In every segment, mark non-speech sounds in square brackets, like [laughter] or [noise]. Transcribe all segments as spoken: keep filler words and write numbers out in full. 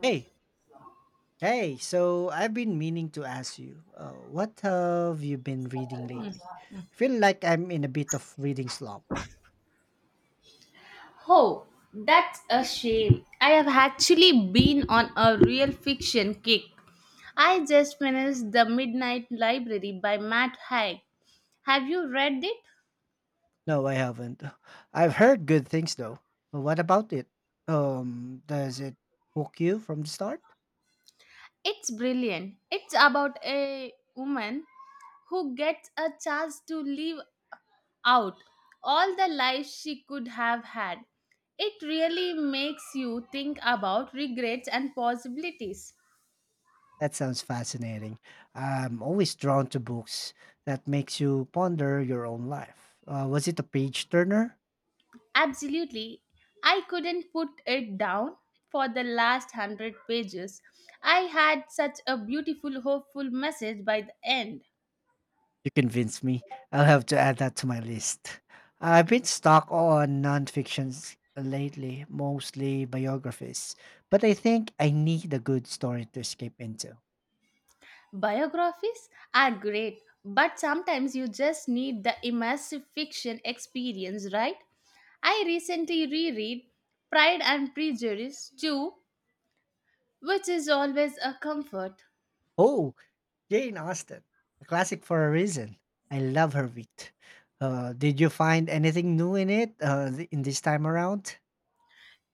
Hey, hey, so I've been meaning to ask you, uh, what have you been reading lately? I feel like I'm in a bit of reading slump. Oh, that's a shame. I have actually been on a real fiction kick. I just finished The Midnight Library by Matt Haig. Have you read it? No, I haven't. [sighs] I've heard good things though. But what about it? Um, does it hook you from the start? It's brilliant. It's about a woman who gets a chance to live out all the life she could have had. It really makes you think about regrets and possibilities. That sounds fascinating. I'm always drawn to books that makes you ponder your own life. Uh, was it a page turner? Absolutely. I couldn't put it down for the last hundred pages. I had such a beautiful, hopeful message by the end. You convinced me. I'll have to add that to my list. I've been stuck on nonfictions lately, mostly biographies, but I think I need a good story to escape into. Biographies are great, but sometimes you just need the immersive fiction experience, right? I recently reread Pride and Prejudice too, which is always a comfort. Oh, Jane Austen, a classic for a reason. I love her wit. Uh, did you find anything new in it uh, th- in this time around?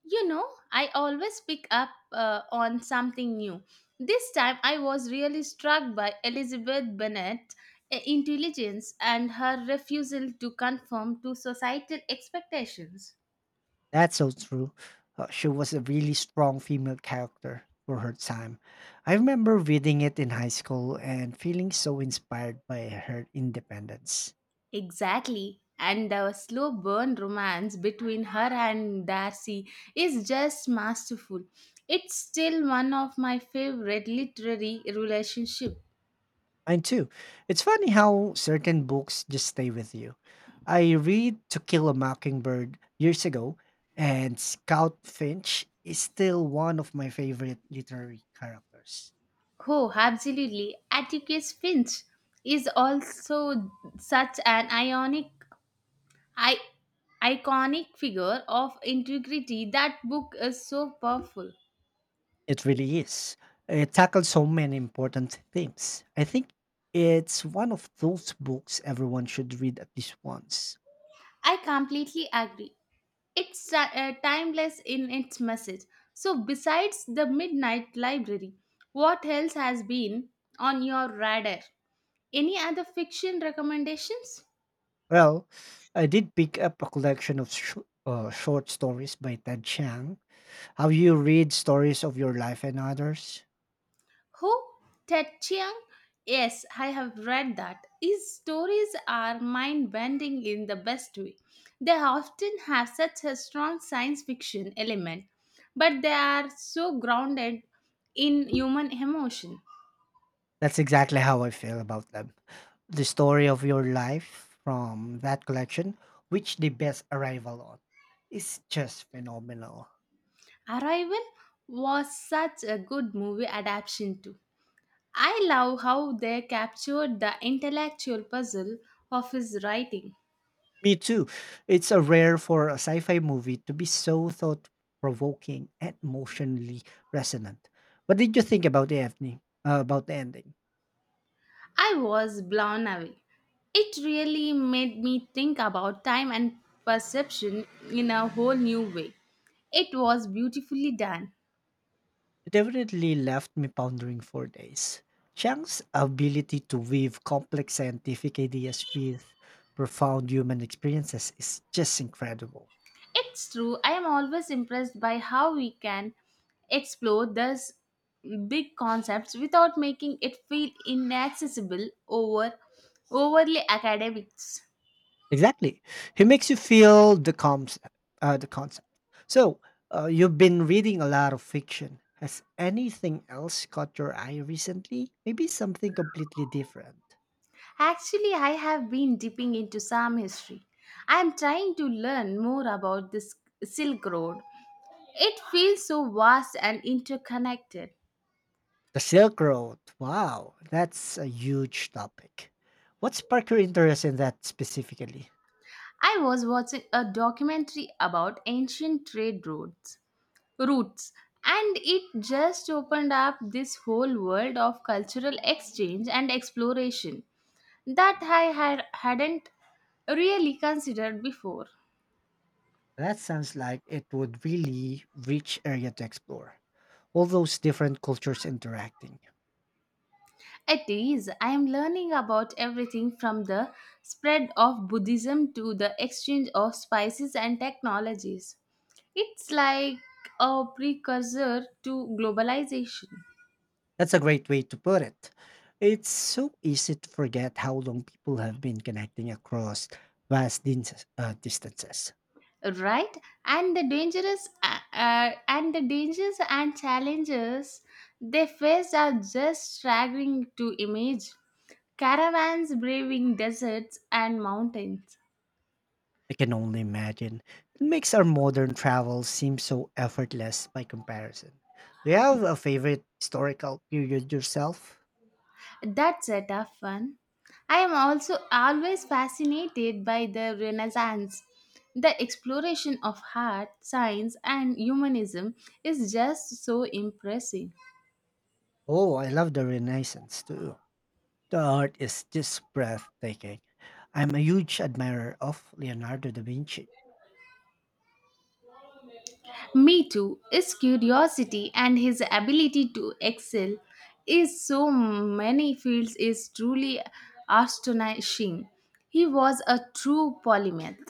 You know, I always pick up uh, on something new. This time I was really struck by Elizabeth Bennet's intelligence and her refusal to conform to societal expectations. That's so true. Uh, she was a really strong female character for her time. I remember reading it in high school and feeling so inspired by her independence. Exactly. And the slow burn romance between her and Darcy is just masterful. It's still one of my favorite literary relationships. Mine too. It's funny how certain books just stay with you. I read To Kill a Mockingbird years ago, and Scout Finch is still one of my favorite literary characters. Oh, absolutely. Atticus Finch is also such an ionic, I, iconic figure of integrity. That book is so powerful. It really is. It tackles so many important themes. I think it's one of those books everyone should read at least once. I completely agree. It's ti- uh, timeless in its message. So, besides the Midnight Library, what else has been on your radar? Any other fiction recommendations? Well, I did pick up a collection of sh- uh, short stories by Ted Chiang. How you read stories of your life and others. Ho Tet Chiang? Yes, I have read that. His stories are mind bending in the best way. They often have such a strong science fiction element, but they are so grounded in human emotion. That's exactly how I feel about them. The story of your life from that collection, which the best arrival on, is just phenomenal. Arrival was such a good movie adaptation too. I love how they captured the intellectual puzzle of his writing. Me too. It's a rare for a sci-fi movie to be so thought-provoking and emotionally resonant. What did you think about the ending? Uh, about the ending, I was blown away. It really made me think about time and perception in a whole new way. It was beautifully done. it definitely left me pondering for days. Chang's ability to weave complex scientific ideas with profound human experiences is just incredible. It's true, I am always impressed by how we can explore these big concepts without making it feel inaccessible or overly academics. Exactly. He makes you feel the concept. Uh, the concept. So, uh, you've been reading a lot of fiction. Has anything else caught your eye recently? Maybe something completely different. Actually, I have been dipping into some history. I am trying to learn more about this Silk Road. It feels so vast and interconnected. The Silk Road. Wow, that's a huge topic. What sparked your interest in that specifically? I was watching a documentary about ancient trade routes, routes, and it just opened up this whole world of cultural exchange and exploration that I had, hadn't really considered before. That sounds like it would really rich area to explore. All those different cultures interacting. It is, I am learning about everything from the spread of Buddhism to the exchange of spices and technologies. It's like a precursor to globalization, That's a great way to put it. It's so easy to forget how long people have been connecting across vast din- uh, distances. right? And the dangerous uh, uh, and the dangers and challenges they face are just staggering to image. Caravans braving deserts and mountains. I can only imagine. It makes our modern travel seem so effortless by comparison. Do you have a favorite historical period yourself? That's a tough one. I am also always fascinated by the Renaissance. The exploration of art, science, and humanism is just so impressive. Oh, I love the Renaissance too. The art is just breathtaking. I'm a huge admirer of Leonardo da Vinci. Me too. His curiosity and his ability to excel is so many fields is truly astonishing. He was a true polymath.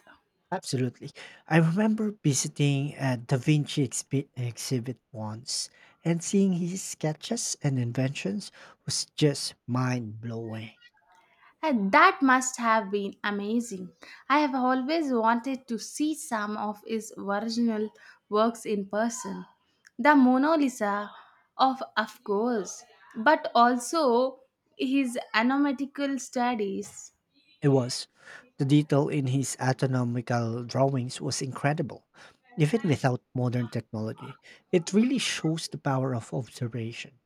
Absolutely. I remember visiting a Da Vinci expi- exhibit once, and seeing his sketches and inventions was just mind blowing. And that must have been amazing. I have always wanted to see some of his original works in person. The Mona Lisa of of course, but also his anatomical studies. It was. The detail in his anatomical drawings was incredible. Even without modern technology, it really shows the power of observation.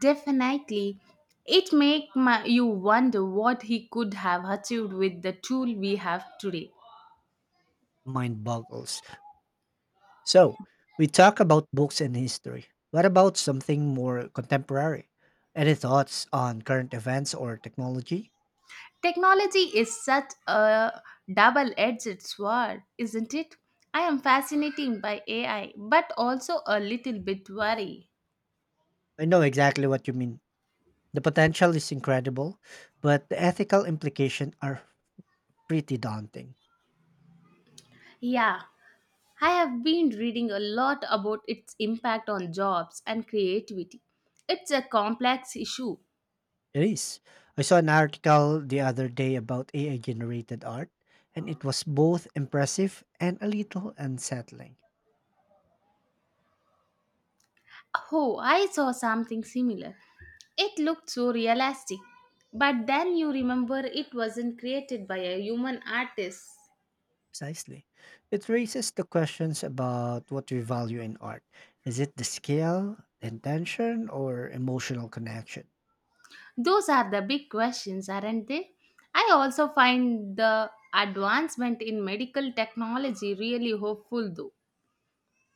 Definitely. It makes you wonder what he could have achieved with the tool we have today. Mind boggles. So, we talk about books and history. What about something more contemporary? Any thoughts on current events or technology? Technology is such a double-edged sword, isn't it? I am fascinated by A I, but also a little bit worried. I know exactly what you mean. The potential is incredible, but the ethical implications are pretty daunting. Yeah, I have been reading a lot about its impact on jobs and creativity. It's a complex issue. It is. I saw an article the other day about A I generated art, and it was both impressive and a little unsettling. Oh, I saw something similar. It looked so realistic. But then you remember it wasn't created by a human artist. Precisely. It raises the questions about what we value in art. Is it the scale, intention, or emotional connection? Those are the big questions, aren't they? I also find the advancement in medical technology really hopeful, though.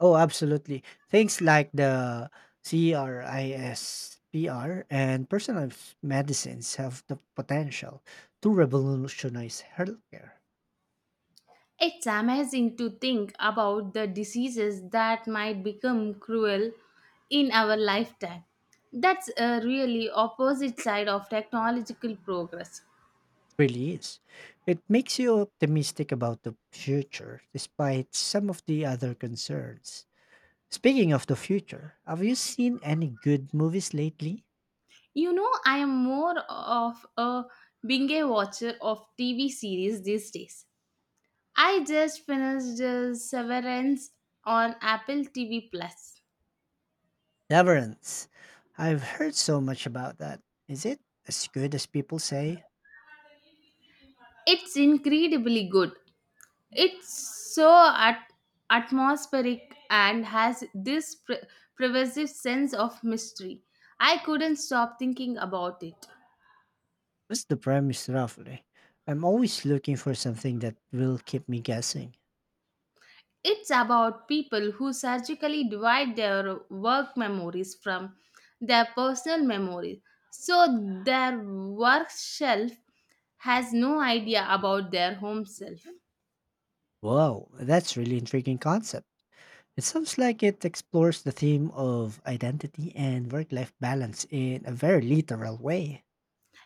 Oh, absolutely. Things like the CRISPR and personalized medicines have the potential to revolutionize healthcare. It's amazing to think about the diseases that might become cruel in our lifetime. That's a really opposite side of technological progress. Really is. It makes you optimistic about the future despite some of the other concerns. Speaking of the future, have you seen any good movies lately? You know, I am more of a binge watcher of T V series these days. I just finished uh, Severance on Apple T V Plus. Severance. I've heard so much about that. Is it as good as people say? It's incredibly good. It's so at- atmospheric and has this pre- pervasive sense of mystery. I couldn't stop thinking about it. What's the premise roughly? I'm always looking for something that will keep me guessing. It's about people who surgically divide their work memories from their personal memories. So their work shelf has no idea about their home self. Whoa, that's really intriguing concept. It sounds like it explores the theme of identity and work-life balance in a very literal way.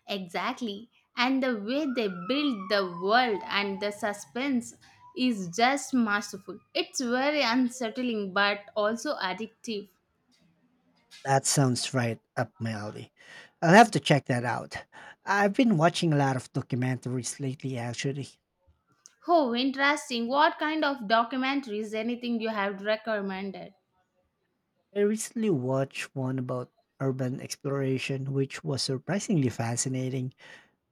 Exactly. And the way they build the world and the suspense is just masterful. It's very unsettling but also addictive. That sounds right up my alley. I'll have to check that out. I've been watching a lot of documentaries lately actually. Oh, interesting. What kind of documentaries anything you have recommended? I recently watched one about urban exploration, which was surprisingly fascinating,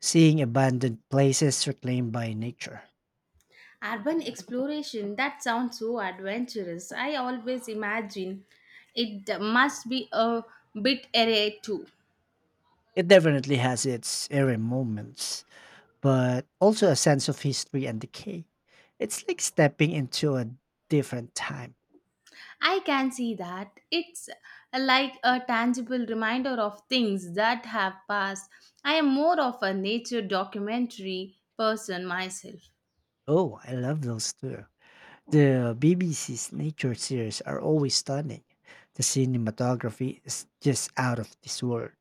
seeing abandoned places reclaimed by nature. Urban exploration, that sounds so adventurous. I always imagine it must be a bit array too. It definitely has its eerie moments, but also a sense of history and decay. It's like stepping into a different time. I can see that. It's like a tangible reminder of things that have passed. I am more of a nature documentary person myself. Oh, I love those too. The B B C's nature series are always stunning. The cinematography is just out of this world.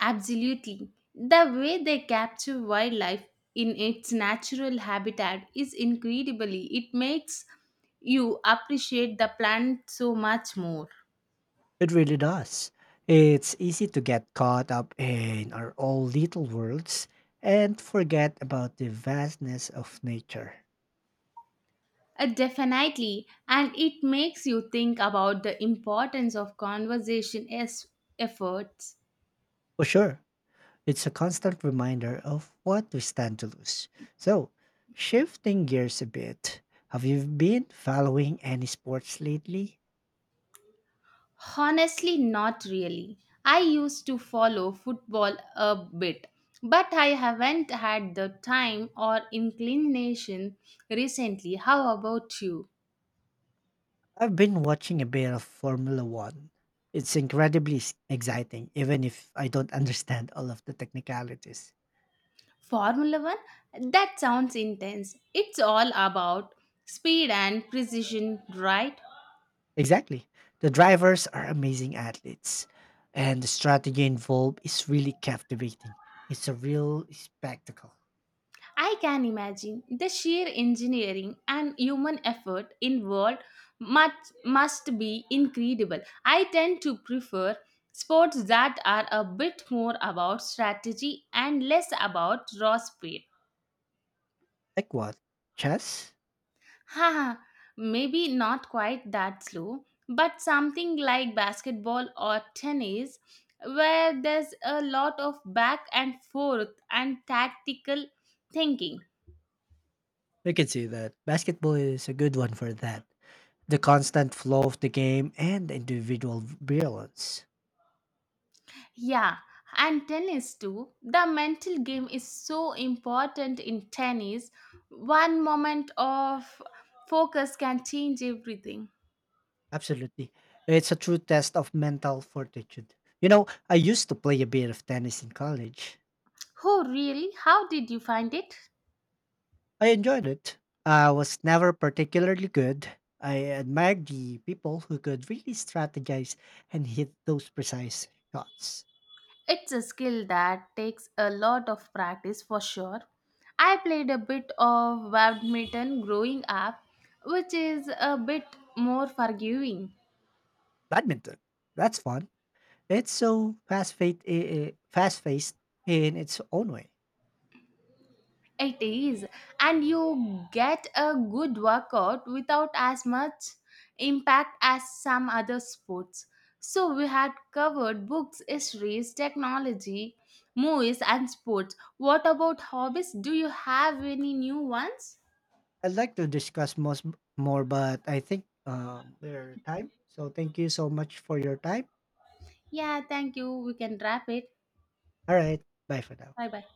Absolutely. The way they capture wildlife in its natural habitat is incredibly. It makes you appreciate the plant so much more. It really does. It's easy to get caught up in our own little worlds and forget about the vastness of nature. Uh, definitely. And it makes you think about the importance of conversation as efforts. For sure, it's a constant reminder of what we stand to lose. So, shifting gears a bit, have you been following any sports lately? Honestly, not really. I used to follow football a bit, but I haven't had the time or inclination recently. How about you? I've been watching a bit of Formula One. It's incredibly s- exciting, even if I don't understand all of the technicalities. Formula One? That sounds intense. It's all about speed and precision, right? Exactly. The drivers are amazing athletes, and the strategy involved is really captivating. It's a real spectacle. I can imagine the sheer engineering and human effort involved must, must be incredible. I tend to prefer sports that are a bit more about strategy and less about raw speed. Like what? Chess? Haha, maybe not quite that slow, but something like basketball or tennis, where there's a lot of back and forth and tactical thinking. We can see that basketball is a good one for that. The constant flow of the game and individual brilliance. Yeah, and tennis too. The mental game is so important in tennis. One moment of focus can change everything. Absolutely. It's a true test of mental fortitude. You know, I used to play a bit of tennis in college. Oh, really? How did you find it? I enjoyed it. I was never particularly good. I admired the people who could really strategize and hit those precise shots. It's a skill that takes a lot of practice for sure. I played a bit of badminton growing up, which is a bit more forgiving. Badminton, that's fun. It's so fast-paced, fast-paced in its own way. It is, and you get a good workout without as much impact as some other sports. So, we had covered books, histories, technology, movies, and sports. What about hobbies? Do you have any new ones? I'd like to discuss most more, but I think um, we're time. So thank you so much for your time. Yeah, thank you. We can wrap it. All right, bye for now. Bye bye.